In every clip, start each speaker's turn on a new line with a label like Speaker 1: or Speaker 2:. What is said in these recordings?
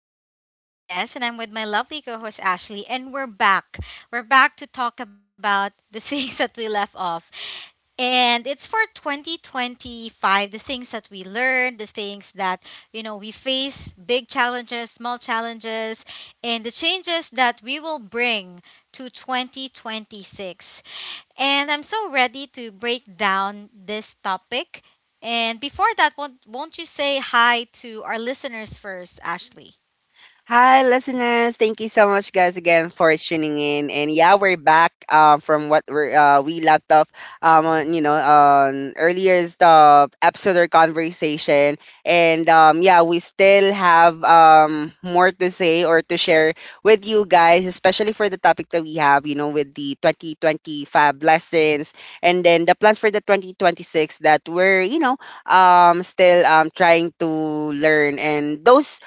Speaker 1: I'm your host, Des, and I'm with my lovely co host, Ashley, and we're back. We're back to talk about the things that we left off. And it's for 2025, the things that we learned, the things that, you know, we face big challenges, small challenges, and the changes that we will bring to 2026. And I'm so ready to break down this topic. And before that, won't you say hi to our listeners first, Ashley?
Speaker 2: Hi, listeners. Thank you so much, guys, again for tuning in. And yeah, we're back from what we left off on, you know, on earlier's episode or conversation. And yeah, we still have more to say or to share with you guys, especially for the topic that we have, you know, with the 2025 lessons and then the plans for the 2026 that we're still trying to learn. And those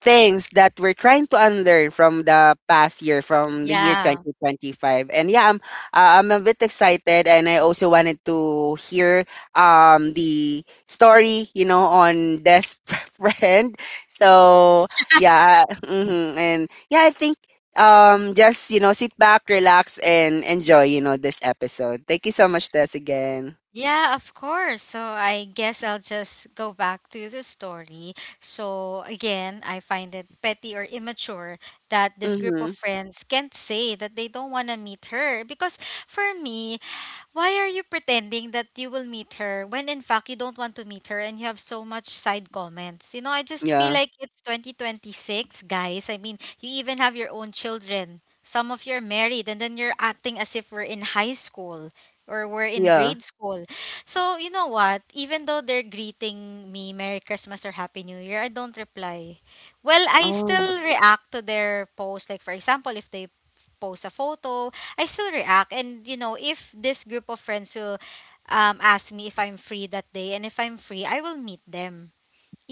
Speaker 2: things that we're trying to unlearn from the past year, from the year
Speaker 1: Yeah.
Speaker 2: 2025. And yeah, I'm a bit excited, and I also wanted to hear the story, you know, on this friend. So yeah, mhm. And yeah, I think just you know sit back, relax, and enjoy you know this episode. Thank you so much, Des, again.
Speaker 1: Yeah, of course. So I guess I'll just go back to the story. So again, I find it petty or immature that this group of
Speaker 2: Mm-hmm.
Speaker 1: friends can't say that they don't want to meet her because for me, why are you pretending that you will meet her when in fact you don't want to meet her and you have so much side comments? You know, I just feel
Speaker 2: Yeah.
Speaker 1: like it's 2026, guys. I mean, you even have your own children. Some of you are married and then you're acting as if we're in high school or we're in
Speaker 2: Yeah.
Speaker 1: grade school. So, you know what? Even though they're greeting me Merry Christmas or Happy New Year, I don't reply. Well, I
Speaker 2: Oh.
Speaker 1: still react to their post. Like, for example, if they post a photo, I still react. And, you know, if this group of friends will ask me if I'm free that day, and if I'm free, I will meet them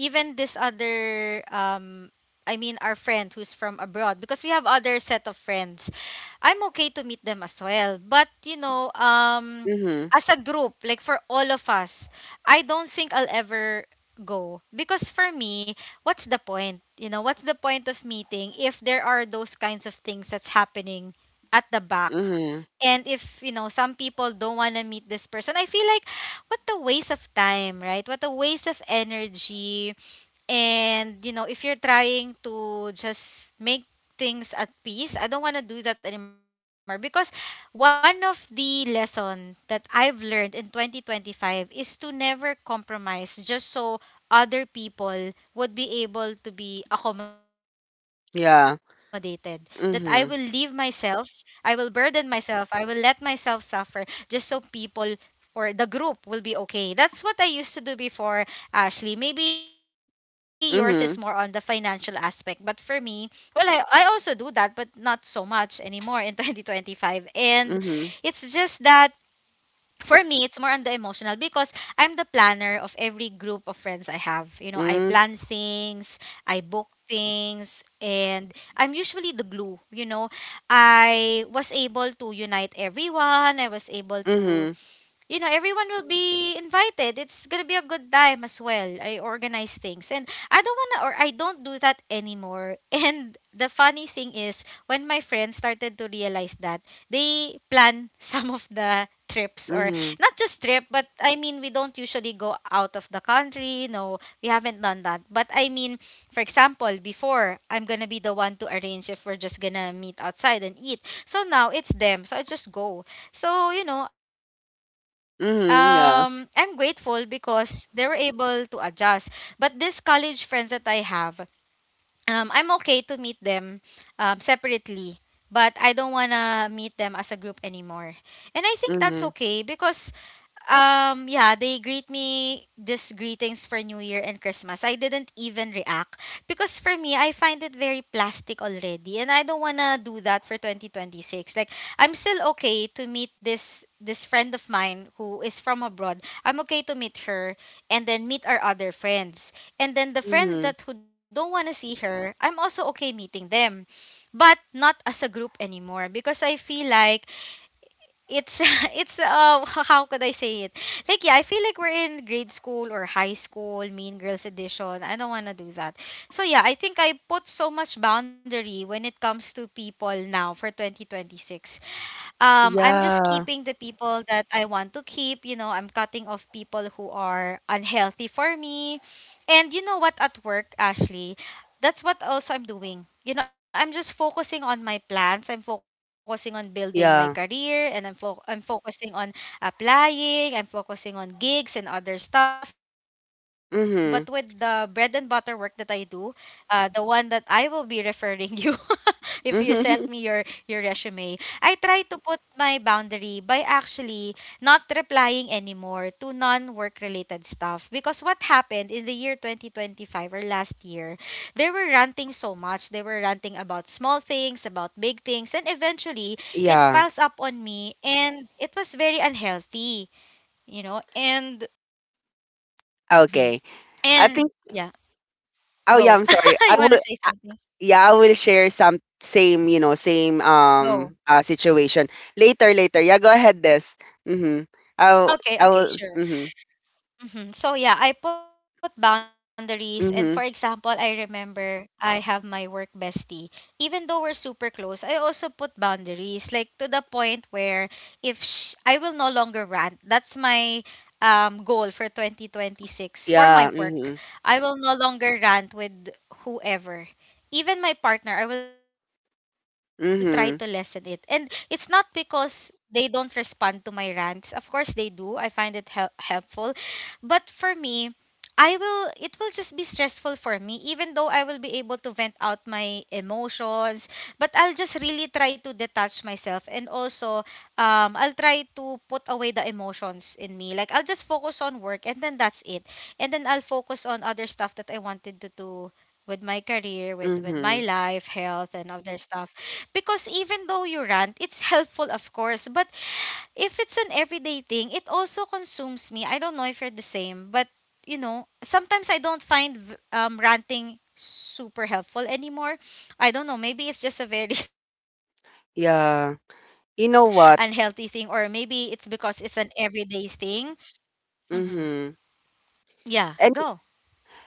Speaker 1: even this other I mean our friend who's from abroad because we have other set of friends. I'm okay to meet them as well. But you know,
Speaker 2: Mm-hmm.
Speaker 1: as a group, like for all of us, I don't think I'll ever go because for me, what's the point? You know, what's the point of meeting if there are those kinds of things that's happening at the back?
Speaker 2: Mm-hmm.
Speaker 1: And if, you know, some people don't want to meet this person, I feel like what a waste of time, right? What a waste of energy and, you know, if you're trying to just make things at peace, I don't want to do that anymore because one of the lesson that I've learned in 2025 is to never compromise just so other people would be able to be accommodated.
Speaker 2: Yeah.
Speaker 1: That I will leave
Speaker 2: Mm-hmm.
Speaker 1: myself, I will burden myself, I will let myself suffer just so people or the group will be okay. That's what I used to do before, Ashley. Maybe yours is more on
Speaker 2: Mm-hmm.
Speaker 1: the financial aspect, but for me, well, I also do that, but not so much anymore in 2025. And
Speaker 2: Mhm.
Speaker 1: it's just that for me, it's more on the emotional because I'm the planner of every group of friends I have. You know, I
Speaker 2: Mm,
Speaker 1: plan things, I book things, and I'm usually the glue. You know, I was able to unite everyone, I was able
Speaker 2: mhm,
Speaker 1: to you know, everyone will be invited. It's gonna be a good time as well. I organize things, and I don't wanna, or I don't do that anymore. And the funny thing is, when my friends started to realize that, they plan some of the trips, or
Speaker 2: mhm,
Speaker 1: not just trip, but I mean, we don't usually go out of the country. No, we haven't done that. But I mean, for example, before I'm gonna be the one to arrange if we're just gonna meet outside and eat. So now it's them. So I just go. So, you know, I'm
Speaker 2: mhm,
Speaker 1: grateful
Speaker 2: yeah,
Speaker 1: because they were able to adjust. But these college friends that I have, I'm okay to meet them separately, but I don't want to meet them as a group anymore. And I think that's okay
Speaker 2: mhm,
Speaker 1: because yeah, they greet me this greetings for New Year and Christmas. I didn't even react because for me, I find it very plastic already, and I don't wanna do that for 2026. Like, I'm still okay to meet this friend of mine who is from abroad. I'm okay to meet her and then meet our other friends, and then the friends
Speaker 2: mhm.
Speaker 1: that who don't wanna see her, I'm also okay meeting them, but not as a group anymore because I feel like it's it's how could I say it? Like yeah, I feel like we're in grade school or high school, Mean Girls edition. I don't want to do that. So yeah, I think I put so much boundary when it comes to people now for 2026. I'm just
Speaker 2: Yeah,
Speaker 1: keeping the people that I want to keep. You know, I'm cutting off people who are unhealthy for me. And you know what, at work, Ashley, that's what also I'm doing. You know, I'm just focusing on my plans. I'm focusing on building my career
Speaker 2: yeah.
Speaker 1: and I'm focusing on applying. I'm focusing on gigs and other stuff. But with the bread and butter
Speaker 2: Mhm.
Speaker 1: work that I
Speaker 2: Mhm.
Speaker 1: do, the one that I will be referring you if you sent me your resume, I try to put my boundary by actually not replying anymore to non-work related stuff because what happened in the year 2025 or last year, they were ranting so much. They were ranting about small things, about big things, and eventually it piles up
Speaker 2: Yeah.
Speaker 1: on me and it was very unhealthy, you know? And
Speaker 2: Okay.
Speaker 1: mhm.
Speaker 2: I think
Speaker 1: And yeah,
Speaker 2: oh yeah, I'm
Speaker 1: go.
Speaker 2: sorry. I
Speaker 1: You
Speaker 2: will
Speaker 1: want to say something?
Speaker 2: yeah, I will share some same, you know, same um
Speaker 1: Go.
Speaker 2: uh situation later later. Yeah, go ahead this. Mhm. I'll
Speaker 1: Ah,
Speaker 2: I
Speaker 1: okay,
Speaker 2: will
Speaker 1: okay, sure.
Speaker 2: mhm.
Speaker 1: So yeah, I put boundaries and for example,
Speaker 2: Mhm.
Speaker 1: I remember I have my work bestie. Even though we're super close, I also put boundaries like to the point where if sh- I will no longer rant. That's my goal for 2026 for my
Speaker 2: Yeah,
Speaker 1: work.
Speaker 2: mhm.
Speaker 1: I will no longer rant with whoever. Even my partner, I will try to lessen it. And it's not
Speaker 2: Mhm.
Speaker 1: because they don't respond to my rants. Of course they do. I find it helpful. But for me, I will it will just be stressful for me even though I will be able to vent out my emotions but I'll just really try to detach myself and also I'll try to put away the emotions in me like I'll just focus on work and then that's it and then I'll focus on other stuff that I wanted to do with my career with my life
Speaker 2: Mhm.
Speaker 1: health and other stuff because even though you rant it's helpful of course but if it's an everyday thing, it also consumes me. I don't know if you're the same, but you know, sometimes I don't find ranting super helpful anymore. I don't know. Maybe it's just a very unhealthy thing, or maybe it's
Speaker 2: Yeah.
Speaker 1: because it's an
Speaker 2: You know
Speaker 1: everyday
Speaker 2: what?
Speaker 1: thing. Mm-hmm. Yeah, go.
Speaker 2: Mhm.
Speaker 1: Yeah,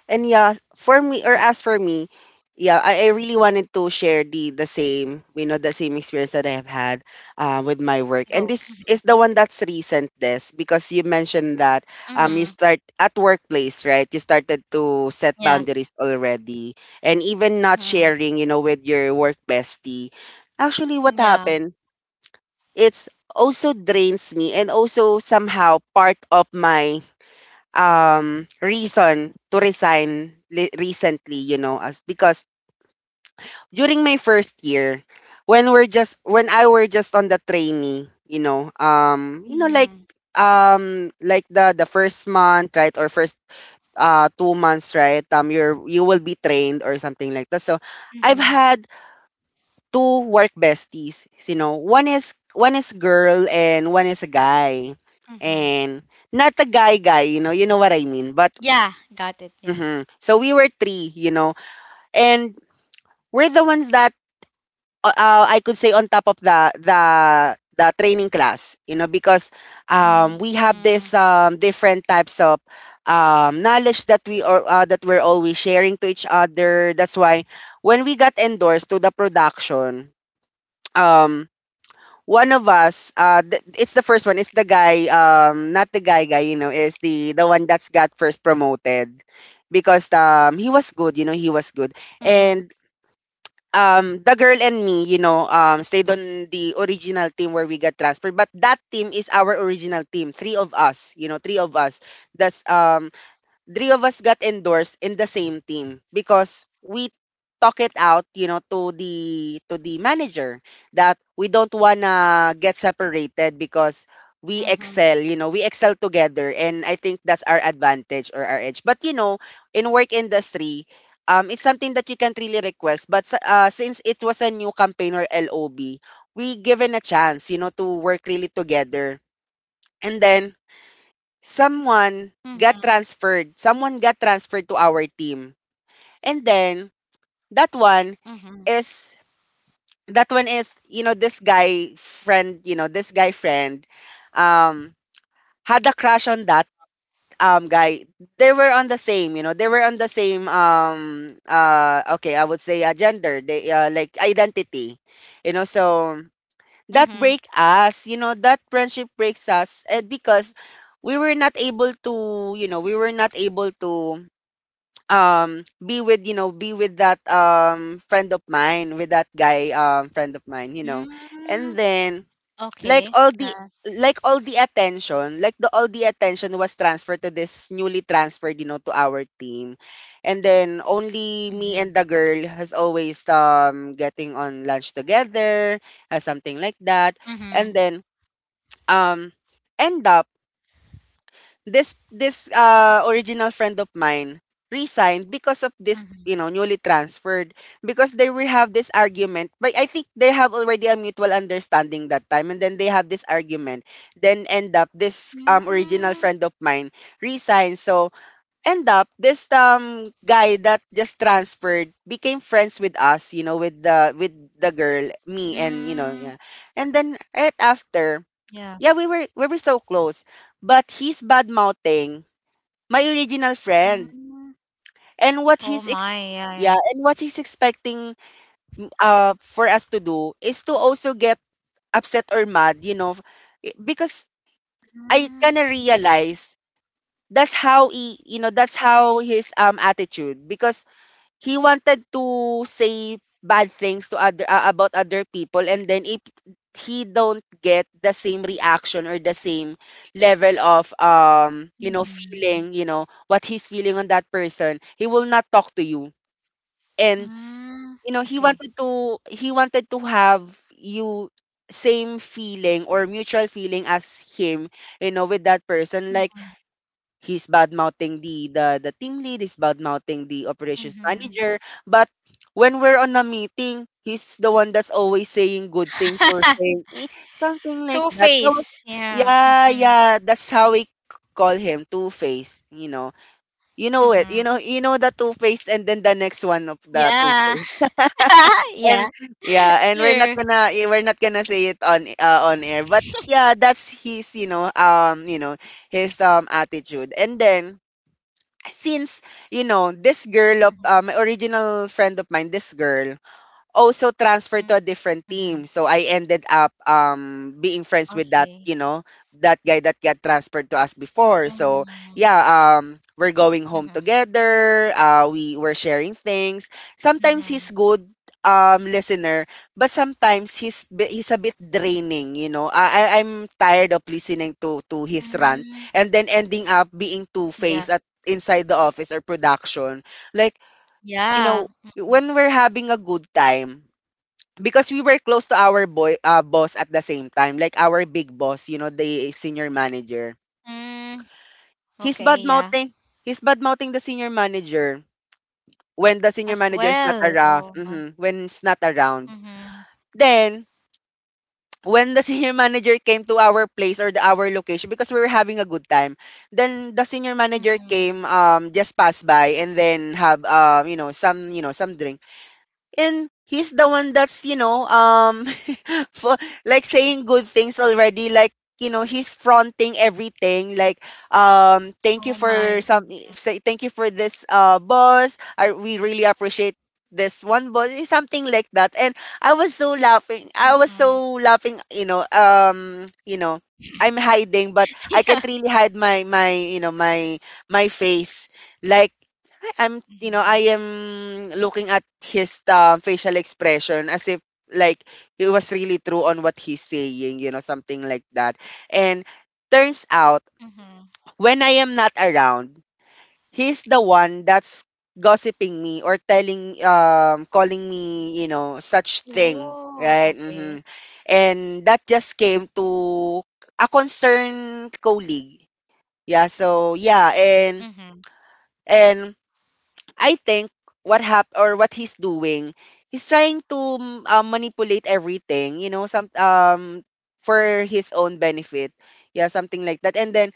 Speaker 2: And yeah, for me or as for me, yeah, I really wanted to share the same, you know, the same experience that I have
Speaker 1: go.
Speaker 2: had
Speaker 1: Mm-hmm.
Speaker 2: with my work. And this is the one that's recent, this because you mentioned that
Speaker 1: Mm-hmm.
Speaker 2: you start at workplace, right? You started to set
Speaker 1: Yeah.
Speaker 2: boundaries already, and even not
Speaker 1: Mm-hmm.
Speaker 2: sharing, you know, with your work bestie. Actually, what happened?
Speaker 1: Yeah.
Speaker 2: It's also drains me and also somehow part of my reason to resign recently you know as because during my first year when we're just when I were just on the trainee you know
Speaker 1: Mm-hmm.
Speaker 2: like the first month right or first 2 months right you're you will be trained or something like that so I've had
Speaker 1: Mm-hmm.
Speaker 2: two work besties you know one is girl and one is a guy and
Speaker 1: Mm-hmm.
Speaker 2: not a guy guy you know what I mean but
Speaker 1: Yeah,
Speaker 2: hmm.
Speaker 1: got it.
Speaker 2: So
Speaker 1: Yeah.
Speaker 2: we were three, you know, and we're the ones that I could say on top of the the training class, you know, because we have
Speaker 1: Mm-hmm.
Speaker 2: this different types of knowledge that we are that we're always sharing to each other. That's why when we got endorsed to the production, um one of us it's the first one it's the guy not the guy guy you know is the one that's got first promoted because he was
Speaker 1: Mm-hmm.
Speaker 2: good you know he was good and the girl and me you know stayed on the original team where we got transferred but that team is our original team three of us you know three of us that's three of us got endorsed in the same team because we talk it out, you know, to the manager that we don't
Speaker 1: Mm-hmm.
Speaker 2: wanna get separated because we excel, you know, we excel together and I think that's our advantage or our edge. But you know, in work industry, it's something that you can't really request, but since it was a new campaign or LOB, we given a chance, you know, to work really together. And then
Speaker 1: Mm-hmm.
Speaker 2: someone got transferred. Someone got transferred to our team. And then that one is that one is, you know, this guy friend, you know, this guy friend um had a crush on that guy. They were on the same, you know, they were on the same okay, I would say gender, they like identity. You know, so
Speaker 1: Mm-hmm.
Speaker 2: that break us you know that friendship breaks us and because we were not able to you know we were not able to be with you know be with that friend of mine with that guy friend of mine you know
Speaker 1: Mm-hmm.
Speaker 2: and then
Speaker 1: Okay.
Speaker 2: like
Speaker 1: Yeah.
Speaker 2: all the like all the attention, like the all the attention was transferred to this newly transferred, you know, to our team. And then only
Speaker 1: Mhm.
Speaker 2: me and the girl has always getting on lunch together, has something like that.
Speaker 1: Mhm.
Speaker 2: And then um end up this original friend of mine resigned because of this
Speaker 1: Mhm.
Speaker 2: you know newly transferred because they will have this argument but I think they have already a mutual understanding that time and then they have this argument then end up this
Speaker 1: Mm.
Speaker 2: original friend of mine resigns so end up this guy that just transferred became friends with us you know with the girl me and you
Speaker 1: Mm.
Speaker 2: know yeah and then right after
Speaker 1: Yeah.
Speaker 2: yeah, we were so close. But he's bad mouthing my original friend.
Speaker 1: Mm.
Speaker 2: And
Speaker 1: Oh my. Yeah. Yeah.
Speaker 2: yeah, and what he's expecting for us to do is to also get upset or mad, you know, because I
Speaker 1: Mm.
Speaker 2: kind of realize that's how he, you know, that's how his attitude because he wanted to say bad things to other about other people and then if he don't get the same reaction or the same level of you know
Speaker 1: Mhm.
Speaker 2: feeling you know what he's feeling on that person he will not talk to you and
Speaker 1: Mm.
Speaker 2: you know
Speaker 1: Okay.
Speaker 2: he wanted to have you same feeling or mutual feeling as him you know with that person
Speaker 1: Mhm.
Speaker 2: like he's bad mouthing the team lead, he's bad mouthing the operations
Speaker 1: Mhm.
Speaker 2: manager. But when we're on a meeting, he's the one that's always saying good things or saying "Eh," something like
Speaker 1: Two
Speaker 2: that.
Speaker 1: face. Yeah.
Speaker 2: Yeah,
Speaker 1: Mhm.
Speaker 2: yeah, that's how call him Two Face. You know it.
Speaker 1: Mhm.
Speaker 2: You know the Two Face, and then the next one of the Two
Speaker 1: Yeah.
Speaker 2: Face. And
Speaker 1: yeah.
Speaker 2: yeah, and
Speaker 1: True.
Speaker 2: we're not gonna say it on air, but yeah, that's his you know his attitude. And then since you know this girl of
Speaker 1: Mhm.
Speaker 2: my original friend of mine this girl also transferred to a
Speaker 1: Mhm.
Speaker 2: different team. So I ended up being friends
Speaker 1: Okay.
Speaker 2: with that, you know, that guy that got transferred to us
Speaker 1: Mhm.
Speaker 2: before. So yeah, we're
Speaker 1: Mhm.
Speaker 2: going home together. We were sharing things.
Speaker 1: Mhm.
Speaker 2: Sometimes he's good listener, but sometimes he's a bit draining, you know. I'm tired of listening to his
Speaker 1: Mm.
Speaker 2: rant and then ending up being
Speaker 1: Yeah.
Speaker 2: two-faced at inside the office or production. Like,
Speaker 1: Yeah.
Speaker 2: you know, when we're having a good time because we were close to our boy boss at the same time like our big boss you know the senior manager
Speaker 1: Mm.
Speaker 2: he's
Speaker 1: Okay.
Speaker 2: bad
Speaker 1: Yeah.
Speaker 2: mouthing he's bad mouthing the senior manager when the senior
Speaker 1: As
Speaker 2: manager is not
Speaker 1: well, oh
Speaker 2: around
Speaker 1: my.
Speaker 2: mhm, when it's not around
Speaker 1: Mhm.
Speaker 2: then when the senior manager came to our place or the, our location because we were having a good time then the senior manager came
Speaker 1: Mhm.
Speaker 2: just passed by and then have you know some drink and he's the one that's you know for like saying good things already like you know he's fronting everything like thank you
Speaker 1: Oh
Speaker 2: for
Speaker 1: my.
Speaker 2: some say thank you for this boss I, we really appreciate this one boss eh, something like that and I
Speaker 1: Mhm.
Speaker 2: was so laughing you know I'm
Speaker 1: Yeah.
Speaker 2: hiding but I can't really hide my you know my face
Speaker 1: Mhm.
Speaker 2: like I'm you know, I am looking at his, facial expression as if like he was really true on what he's saying, you know, something like that. And
Speaker 1: Mhm.
Speaker 2: turns out when I am not around, he's the one that's gossiping me or telling calling me, you know, such
Speaker 1: Oh,
Speaker 2: thing,
Speaker 1: okay.
Speaker 2: right? Hmm. And that just came to a concerned colleague. Yeah, so yeah,
Speaker 1: Mhm.
Speaker 2: and I think what hap or what he's doing, he's trying to manipulate everything, you know, some for his own benefit. Yeah, something like that. And then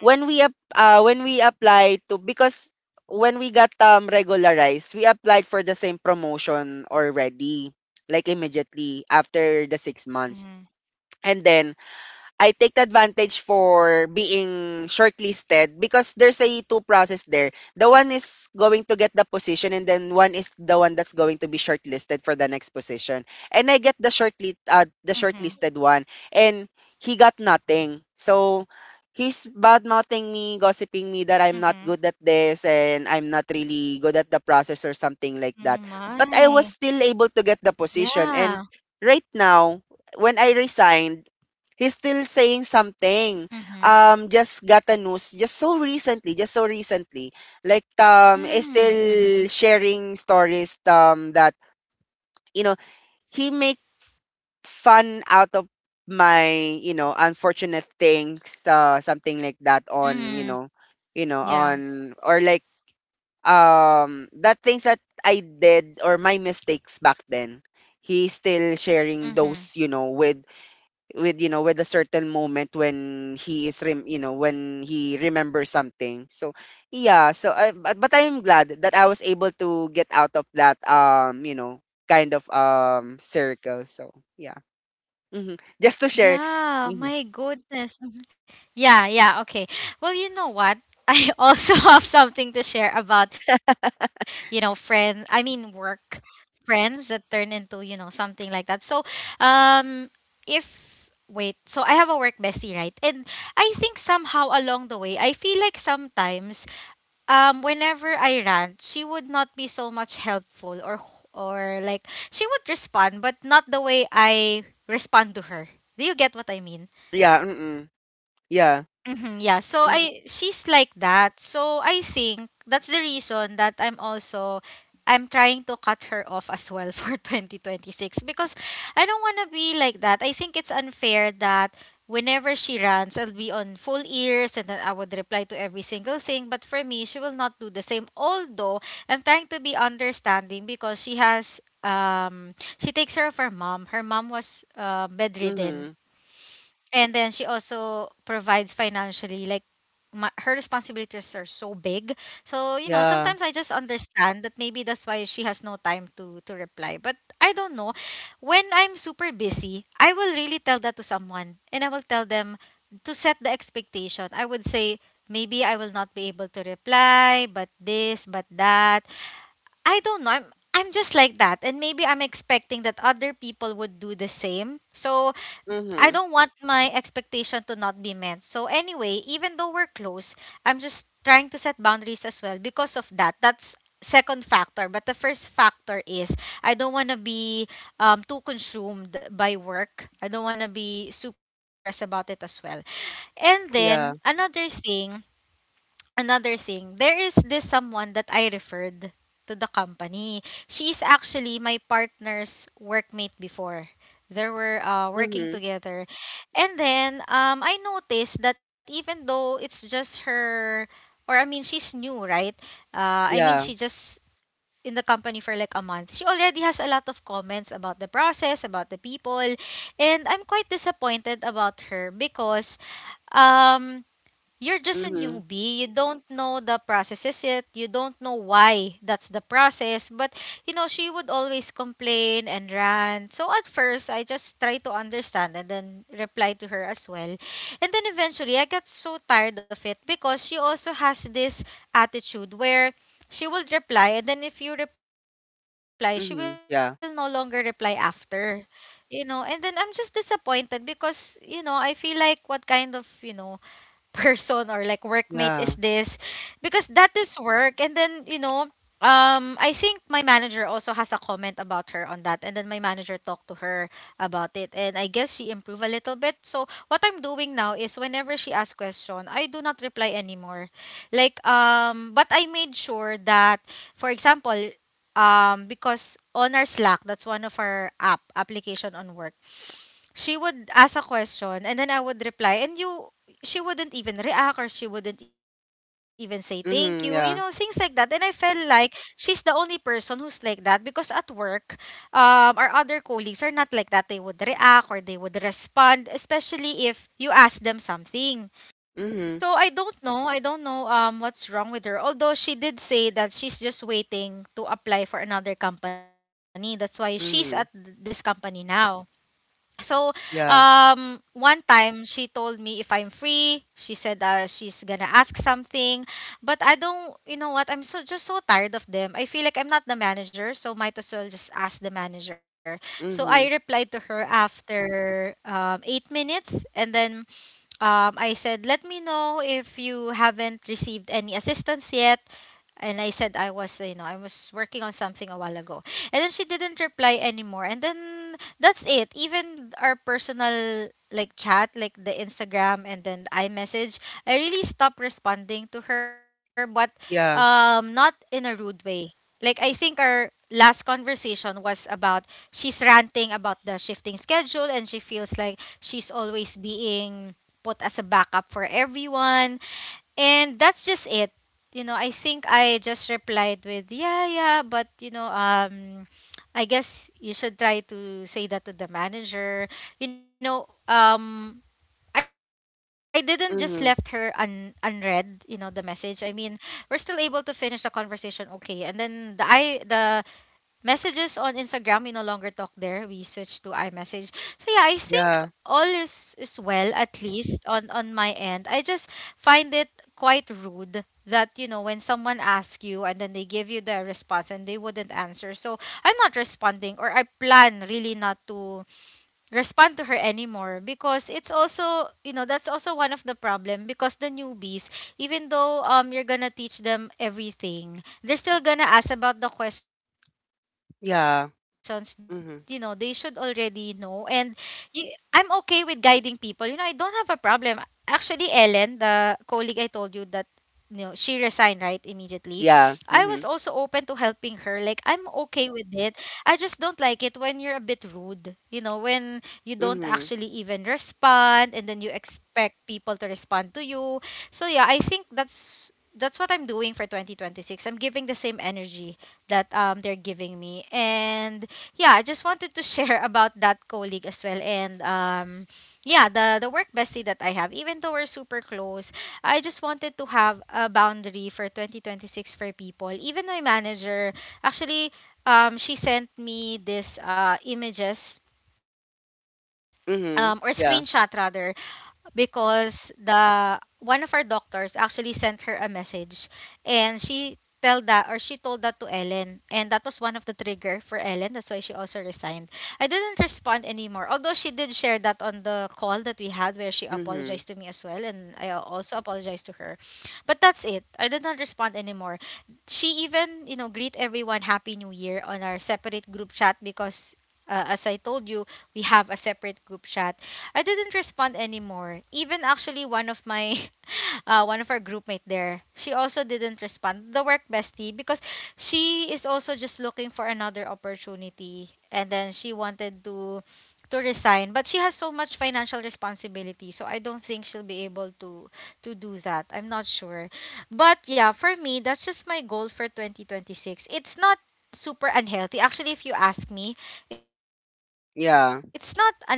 Speaker 2: when we apply to because when we got regularized, we applied for the same promotion already, like immediately after the 6 months.
Speaker 1: Mhm.
Speaker 2: And then I take the advantage for being shortlisted because there's a two process there. The one is going to get the position and then one is the one that's going to be shortlisted for the next position. And I get the
Speaker 1: Mhm.
Speaker 2: shortlisted one and he got nothing. So he's bad mouthing me, gossiping me
Speaker 1: Mhm.
Speaker 2: that I'm not good at this and I'm not really good at the process or
Speaker 1: Oh
Speaker 2: something like that. But
Speaker 1: my.
Speaker 2: I was still able to get the position
Speaker 1: Yeah.
Speaker 2: and right now when I resigned he's still saying something.
Speaker 1: Mhm.
Speaker 2: Just got a news just so recently, just so recently. Is
Speaker 1: Mm.
Speaker 2: still
Speaker 1: Mhm.
Speaker 2: sharing stories that you know he make fun out of my unfortunate things, something like that on
Speaker 1: Mm. Yeah.
Speaker 2: on or like that things that I did or my mistakes back then. He's still sharing those,
Speaker 1: Mhm.
Speaker 2: with with a certain moment when when he remembers something so yeah so but I'm glad that I was able to get out of that kind of circle so yeah. Hmm, just to share.
Speaker 1: Yeah,
Speaker 2: Hmm.
Speaker 1: my goodness. Mhm. Yeah, yeah, okay. Well, you know what? I also have something to share about, you know, friends, I mean, work friends that turn into, you know, something like that. So, um, if, wait, so I have a work bestie, right? And I think somehow along the way, I feel like sometimes whenever I rant, she would not be so much helpful or like she would respond but not the way I respond to her. Do you get what I mean?
Speaker 2: Yeah. Mm-mm. Yeah.
Speaker 1: Mhm, yeah. So
Speaker 2: Mm-hmm.
Speaker 1: I she's like that. So I think that's the reason that I'm also I'm trying to cut her off as well for 2026 because I don't want to be like that. I think it's unfair that whenever she runs, I'll be on full ears and then I would reply to every single thing. But for me, she will not do the same. Although I'm trying to be understanding because she has she takes care of her mom. Her mom was bedridden
Speaker 2: Mm-hmm.
Speaker 1: and then she also provides financially. Like her responsibilities are so big. So, you know,
Speaker 2: Yeah.
Speaker 1: sometimes I just understand that maybe that's why she has no time to reply. But I don't know. When I'm super busy, I will really tell that to someone and I will tell them to set the expectation. I would say maybe I will not be able to reply, but this, but that. I don't know. I'm just like that and maybe I'm expecting that other people would do the same. So I
Speaker 2: Mm-hmm.
Speaker 1: don't want my expectation to not be met. So anyway, even though we're close, I'm just trying to set boundaries as well because of that. That's second factor, but the first factor is I don't want to be too consumed by work. I don't want to be super stressed about it as well. And then
Speaker 2: Yeah.
Speaker 1: another thing, there is this someone that I referred to the company. She's actually my partner's workmate before. They were working
Speaker 2: Mm-hmm.
Speaker 1: together. And then I noticed that even though it's just her, or I mean, she's new, right? I mean, she
Speaker 2: Yeah.
Speaker 1: just in the company for like a month. She already has a lot of comments about the process, about the people. And I'm quite disappointed about her because um you're just a
Speaker 2: Mm-hmm.
Speaker 1: newbie. You don't know the processes yet. You don't know why that's the process. But, you know, she would always complain and rant. So at first, I just try to understand and then reply to her as well. And then eventually, I got so tired of it because she also has this attitude where she will reply. And then if you reply, she will no longer reply
Speaker 2: Mm-hmm. Yeah.
Speaker 1: after. You know, and then I'm just disappointed because, you know, I feel like what kind of, you know, person or like workmate is this
Speaker 2: Yeah.
Speaker 1: because that is work and then you know I think my manager also has a comment about her on that, and then my manager talked to her about it, and I guess she improved a little bit. So what I'm doing now is whenever she asks question, I do not reply anymore. Like but I made sure that, for example, because on our Slack, that's one of our app application on work, she would ask a question and then I would reply, and you she wouldn't even react or she wouldn't even say thank you, you know, things like
Speaker 2: Mm-hmm.
Speaker 1: that. And
Speaker 2: Yeah.
Speaker 1: I felt like she's the only person who's like that because at work, our other colleagues are not like that. They would react or they would respond, especially if you ask them something.
Speaker 2: Mm-hmm.
Speaker 1: So I don't know, I don't know, what's wrong with her, although she did say that she's just waiting to apply for another company. That's why she's at this
Speaker 2: Mm-hmm.
Speaker 1: company now. So,
Speaker 2: Yeah.
Speaker 1: one time she told me if I'm free, she said she's gonna ask something, but I don't, you know what? I'm so just so tired of them. I feel like I'm not the manager, so might as well just ask the manager. So
Speaker 2: Mm-hmm.
Speaker 1: I replied to her after 8 minutes, and then I said, let me know if you haven't received any assistance yet. And I said I was, you know, I was working on something a while ago. And then she didn't reply anymore. And then that's it. Even our personal like chat, like the Instagram and then iMessage, I really stopped responding to her, but
Speaker 2: Yeah.
Speaker 1: not in a rude way. Like I think our last conversation was about she's ranting about the shifting schedule and she feels like she's always being put as a backup for everyone, and that's just it. You know, I think I just replied with, yeah, yeah, but you know, I guess you should try to say that to the manager. You know, I didn't just left her un
Speaker 2: Mm-hmm.
Speaker 1: unread, you know, the message. I mean, we're still able to finish the conversation, okay. And then the Messages on Instagram, we no longer talk there. We switched to iMessage. So yeah, I think
Speaker 2: Yeah.
Speaker 1: all is well, at least on my end. I just find it quite rude that, you know, when someone asks you and then they give you the response and they wouldn't answer. So I'm not responding, or I plan really not to respond to her anymore because it's also, you know, that's also one of the problem because the newbies, even though you're gonna teach them everything, they're still gonna ask about the questions that, you know, they should
Speaker 2: Yeah.
Speaker 1: already know.
Speaker 2: Mhm.
Speaker 1: And I'm okay with guiding people, you know, I don't have a problem. Actually, Ellen, the colleague I told you that, you know, she resigned, right, immediately, I was also
Speaker 2: Yeah.
Speaker 1: open to
Speaker 2: Mhm.
Speaker 1: helping her. Like, I'm okay with it. I just don't like it when you're a bit rude, you know, when you don't
Speaker 2: Mhm.
Speaker 1: actually even respond and then you expect people to respond to you. So yeah, I think that's what I'm doing for 2026. I'm giving the same energy that they're giving me. And yeah, I just wanted to share about that colleague as well. And yeah, the work bestie that I have, even though we're super close, I just wanted to have a boundary for 2026 for people, even my manager, actually. She sent me this images, or screenshot
Speaker 2: Mhm.
Speaker 1: rather,
Speaker 2: Yeah.
Speaker 1: because the one of our doctors actually sent her a message, and she tell that, or she told that to Ellen, and that was one of the trigger for Ellen. That's why she also resigned. I didn't respond anymore, although she did share that on the call that we had where she
Speaker 2: Mhm.
Speaker 1: apologized to me as well and I also apologized to her. But that's it. I did not respond anymore. She even, you know, greet everyone happy new year on our separate group chat, because as I told you, we have a separate group chat. I didn't respond anymore. Even actually one of my one of our groupmate there, she also didn't respond. The work bestie, because she is also just looking for another opportunity and then she wanted to resign, but she has so much financial responsibility, so I don't think she'll be able to do that. I'm not sure. But yeah, for me that's just my goal for 2026. It's not super unhealthy. Actually, if you ask me, it's not
Speaker 2: Yeah.
Speaker 1: unhealthy.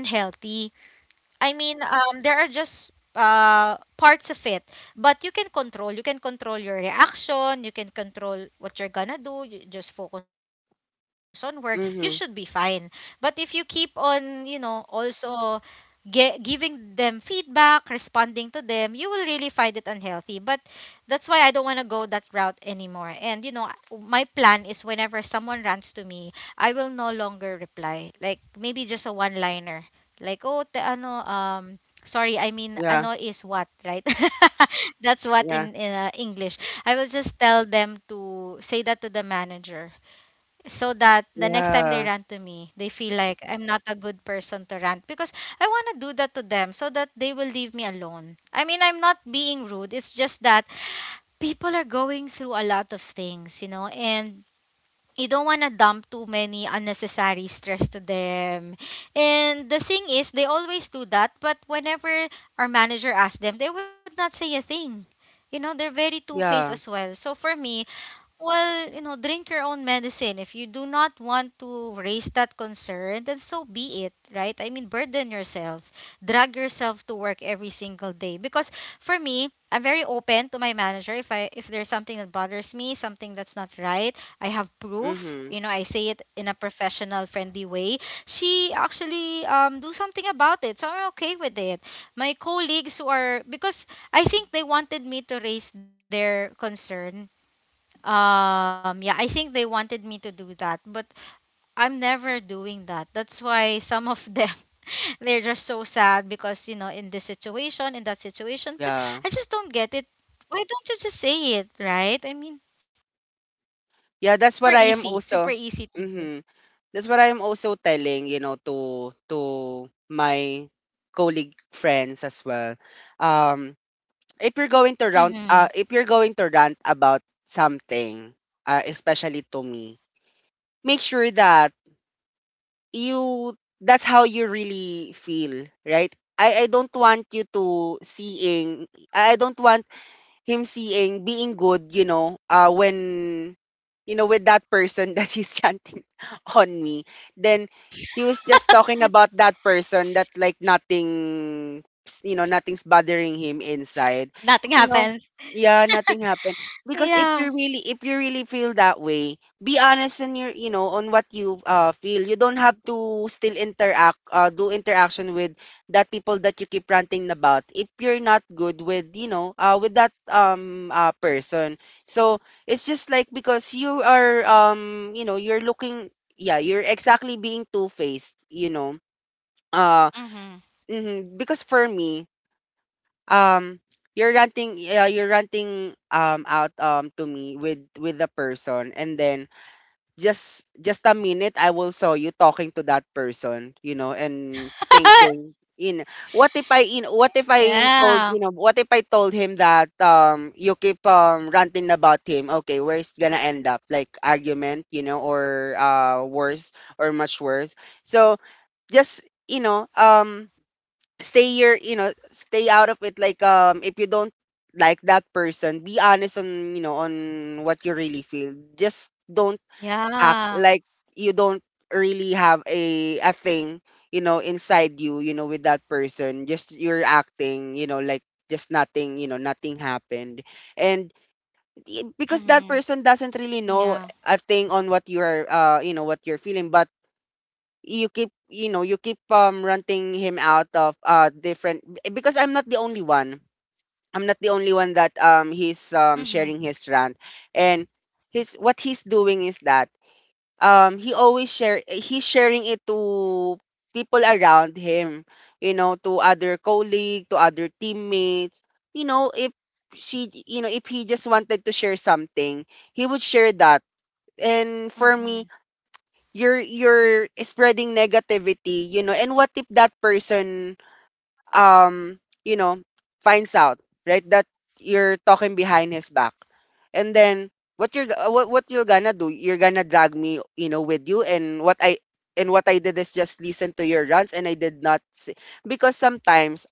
Speaker 1: I mean, there are just parts of it, but you can control. You can control your reaction. You can control what you're gonna do. You just focus on work. You should be fine. But if you
Speaker 2: Mhm.
Speaker 1: keep on, you know, also giving them feedback, responding to them, you will really find it unhealthy. But that's why I don't want to go that route anymore. And you know, my plan is whenever someone rants to me, I will no longer reply. Like maybe just a one-liner like, oh, te, ano, sorry, I mean, ano
Speaker 2: Yeah.
Speaker 1: is what, right? That's what
Speaker 2: Yeah.
Speaker 1: in English. I will just tell them to say that to the manager so that the next time they
Speaker 2: Yeah.
Speaker 1: rant to me, they feel like I'm not a good person to rant, because I want to do that to them so that they will leave me alone. I mean, I'm not being rude. It's just that people are going through a lot of things, you know, and you don't want to dump too many unnecessary stress to them. And the thing is, they always do that, but whenever our manager asks them, they would not say a thing. You know, they're very two faced
Speaker 2: Yeah.
Speaker 1: as well. So for me, well, you know, drink your own medicine. If you do not want to raise that concern, then so be it, right? I mean, burden yourself, drag yourself to work every single day. Because for me, I'm very open to my manager if I if there's something that bothers me, something that's not right. I have proof.
Speaker 2: Mhm.
Speaker 1: You know, I say it in a professional, friendly way. She actually do something about it, so I'm okay with it. My colleagues who are because I think they wanted me to raise their concern. Yeah, I think they wanted me to do that, but I'm never doing that. That's why some of them they're just so sad because, you know, in this situation, in that situation. But
Speaker 2: Yeah.
Speaker 1: I just don't get it. Why don't you just say it, right? I mean,
Speaker 2: Yeah,
Speaker 1: it's
Speaker 2: that's what I am also
Speaker 1: super easy to do.
Speaker 2: Mhm. That's what I am also telling, you know, to my colleague friends as well. Um if
Speaker 1: Mhm.
Speaker 2: you're going to rant if you're going to rant about something, especially to me, make sure that you that's how you really feel, right? I don't want you to seeing I don't want him seeing being good, you know, when, you know, with that person that he's chanting on me, then he was just talking about that person that like nothing, you know, nothing's bothering
Speaker 1: Nothing
Speaker 2: him
Speaker 1: happens.
Speaker 2: inside. You know, yeah, nothing
Speaker 1: Yeah.
Speaker 2: happened. Because if you really feel that way, be honest in your, you know, on what you feel. You don't have to still interact, do interaction with that people that you keep ranting about if you're not good with with that person, so it's just like because you know you're looking, yeah, you're exactly being two-faced, you know. uh
Speaker 1: Mhm.
Speaker 2: mhm, because for me, um you're ranting, yeah, you're ranting out to me with the person, and then just a minute, I will saw you talking to that person, you know, and thinking, you know, what if I, you know, what if I told, you
Speaker 1: Yeah.
Speaker 2: know, what if I told him that you keep ranting about him? Okay, where it's gonna end up? Like argument, you know, or worse or much worse. So, just you know, stay your, you know, stay out of it. If you don't like that person, be honest on you know on what you really feel, just don't
Speaker 1: Yeah.
Speaker 2: act like you don't really have a thing, you know, inside you, you know, with that person, just you're acting, you know, like just nothing, you know, nothing happened. And
Speaker 1: Mhm.
Speaker 2: because that person
Speaker 1: Yeah.
Speaker 2: doesn't really know a thing on what you're you know what you're feeling, but you know you keep running him out of different, because I'm not the only one, I'm not the only one that
Speaker 1: Mhm.
Speaker 2: he's sharing his rant. And his what he's doing is that he always share he's sharing it to people around him, you know, to other colleague, to other teammates, you know, if she you know, if he just wanted to share something, he would share that. And
Speaker 1: Mhm.
Speaker 2: for me, you're spreading negativity, you know, and what if that person, um, you know, finds out, right, that you're talking behind his back. And then what you're gonna do, you're gonna drag me, you know, with you, and what I did is just listen to your runs, and I did not say, because sometimes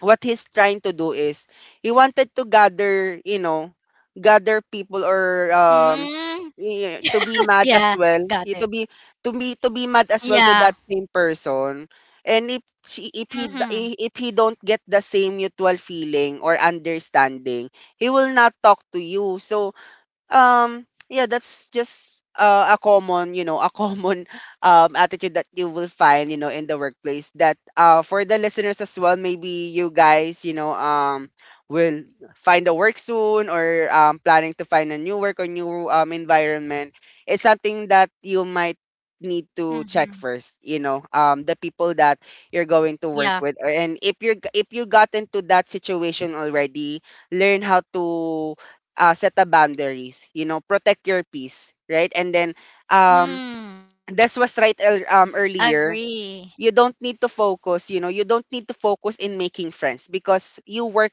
Speaker 2: what he's trying to do is he wanted to gather, you know, gather people or
Speaker 1: Mm.
Speaker 2: yeah, to be mad
Speaker 1: Yeah.
Speaker 2: as well.
Speaker 1: Got
Speaker 2: Yeah,
Speaker 1: it.
Speaker 2: to be mad as well to
Speaker 1: Yeah.
Speaker 2: that same person. And if
Speaker 1: Mhm.
Speaker 2: if he don't get the same mutual feeling or understanding, he will not talk to you. So, yeah, that's just a common, you know, a common attitude that you will find, you know, in the workplace. That for the listeners as well, maybe you guys, you know, will find a work soon or planning to find a new work or new environment. It's something that you might
Speaker 1: Mhm.
Speaker 2: need to check first, you know, the people that you're
Speaker 1: Yeah.
Speaker 2: going to work with, or and if you got into that situation already, learn how to set the boundaries, you know, protect your peace, right? And then
Speaker 1: Mm.
Speaker 2: um, this
Speaker 1: Agree.
Speaker 2: was right earlier, you don't need to focus, you know, you don't need to focus in making friends, because you work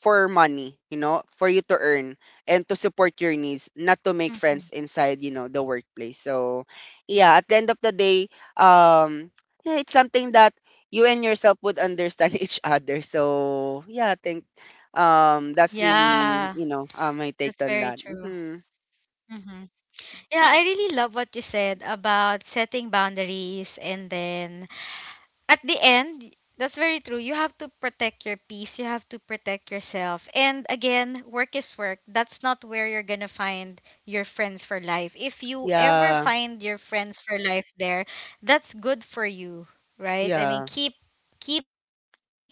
Speaker 2: for money, you know, for you to earn and to support
Speaker 1: Mhm.
Speaker 2: your needs, not to make friends inside, you know, the workplace. So, yeah, at the end of the day, um, yeah, it's something that you and yourself would understand each other. So, yeah, I think that's
Speaker 1: Yeah,
Speaker 2: really, you know,
Speaker 1: that's very
Speaker 2: my take
Speaker 1: true.
Speaker 2: on that. Hmm.
Speaker 1: Hmm. Yeah, I really love what you said about setting boundaries, and then at the end, that's very true. You have to protect your peace. You have to protect yourself. And again, work is work. That's not where you're going to find your friends for life. If you ever
Speaker 2: Yeah,
Speaker 1: find your friends for life there, that's good for you, right? I mean,
Speaker 2: yeah,
Speaker 1: keep them. But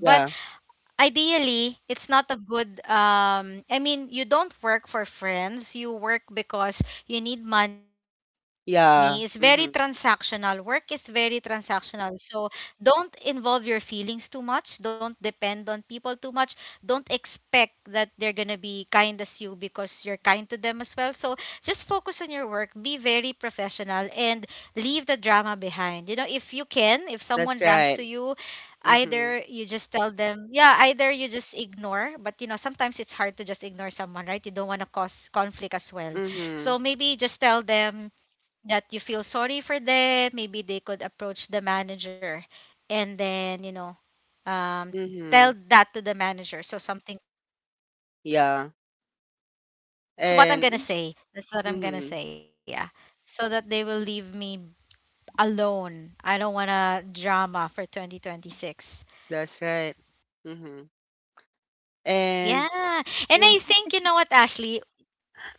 Speaker 2: yeah,
Speaker 1: ideally it's not a good I mean, you don't work for friends, you work because you need money. It's very transactional. Work is
Speaker 2: yeah,
Speaker 1: very
Speaker 2: Hmm.
Speaker 1: transactional. So don't involve your feelings too much, don't depend on people too much, don't expect that they're gonna be kind as you because you're kind to them as well. So just focus on your work, be very professional, and leave the drama behind, you know, if you can. If someone rants to you,
Speaker 2: That's right.
Speaker 1: either you just tell
Speaker 2: Mm-hmm.
Speaker 1: them, yeah, either you just ignore, but you know, sometimes it's hard to just ignore someone, right? You don't want to cause conflict as well. So maybe just
Speaker 2: Mm-hmm.
Speaker 1: tell them that you feel sorry for them, maybe they could approach the manager and then, you know, um tell that to the
Speaker 2: Mhm.
Speaker 1: manager so something could happen. That's my
Speaker 2: Yeah.
Speaker 1: plan. You know, I'm sharing my plan. That's what
Speaker 2: And
Speaker 1: I'm gonna say, that's what
Speaker 2: mhm.
Speaker 1: I'm gonna say, yeah, so that they will leave me alone. I don't want a drama for
Speaker 2: That's
Speaker 1: 2026.
Speaker 2: right. Mhm. And
Speaker 1: Yeah. And
Speaker 2: mm,
Speaker 1: I think, you know what, Ashley?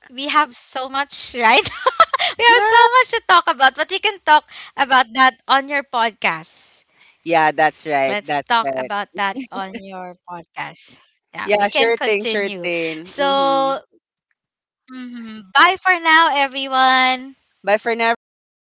Speaker 1: We have so much, right? We have
Speaker 2: yeah.
Speaker 1: so much to talk about, but you can talk about that on your podcast.
Speaker 2: Yeah, that's right.
Speaker 1: Let's
Speaker 2: That's
Speaker 1: talk
Speaker 2: right.
Speaker 1: about that on your podcast. Yeah,
Speaker 2: Yeah,
Speaker 1: we can
Speaker 2: sure thing, sure
Speaker 1: continue.
Speaker 2: thing. Mhm.
Speaker 1: So, mhm, bye for now, everyone.
Speaker 2: Bye for now, everyone.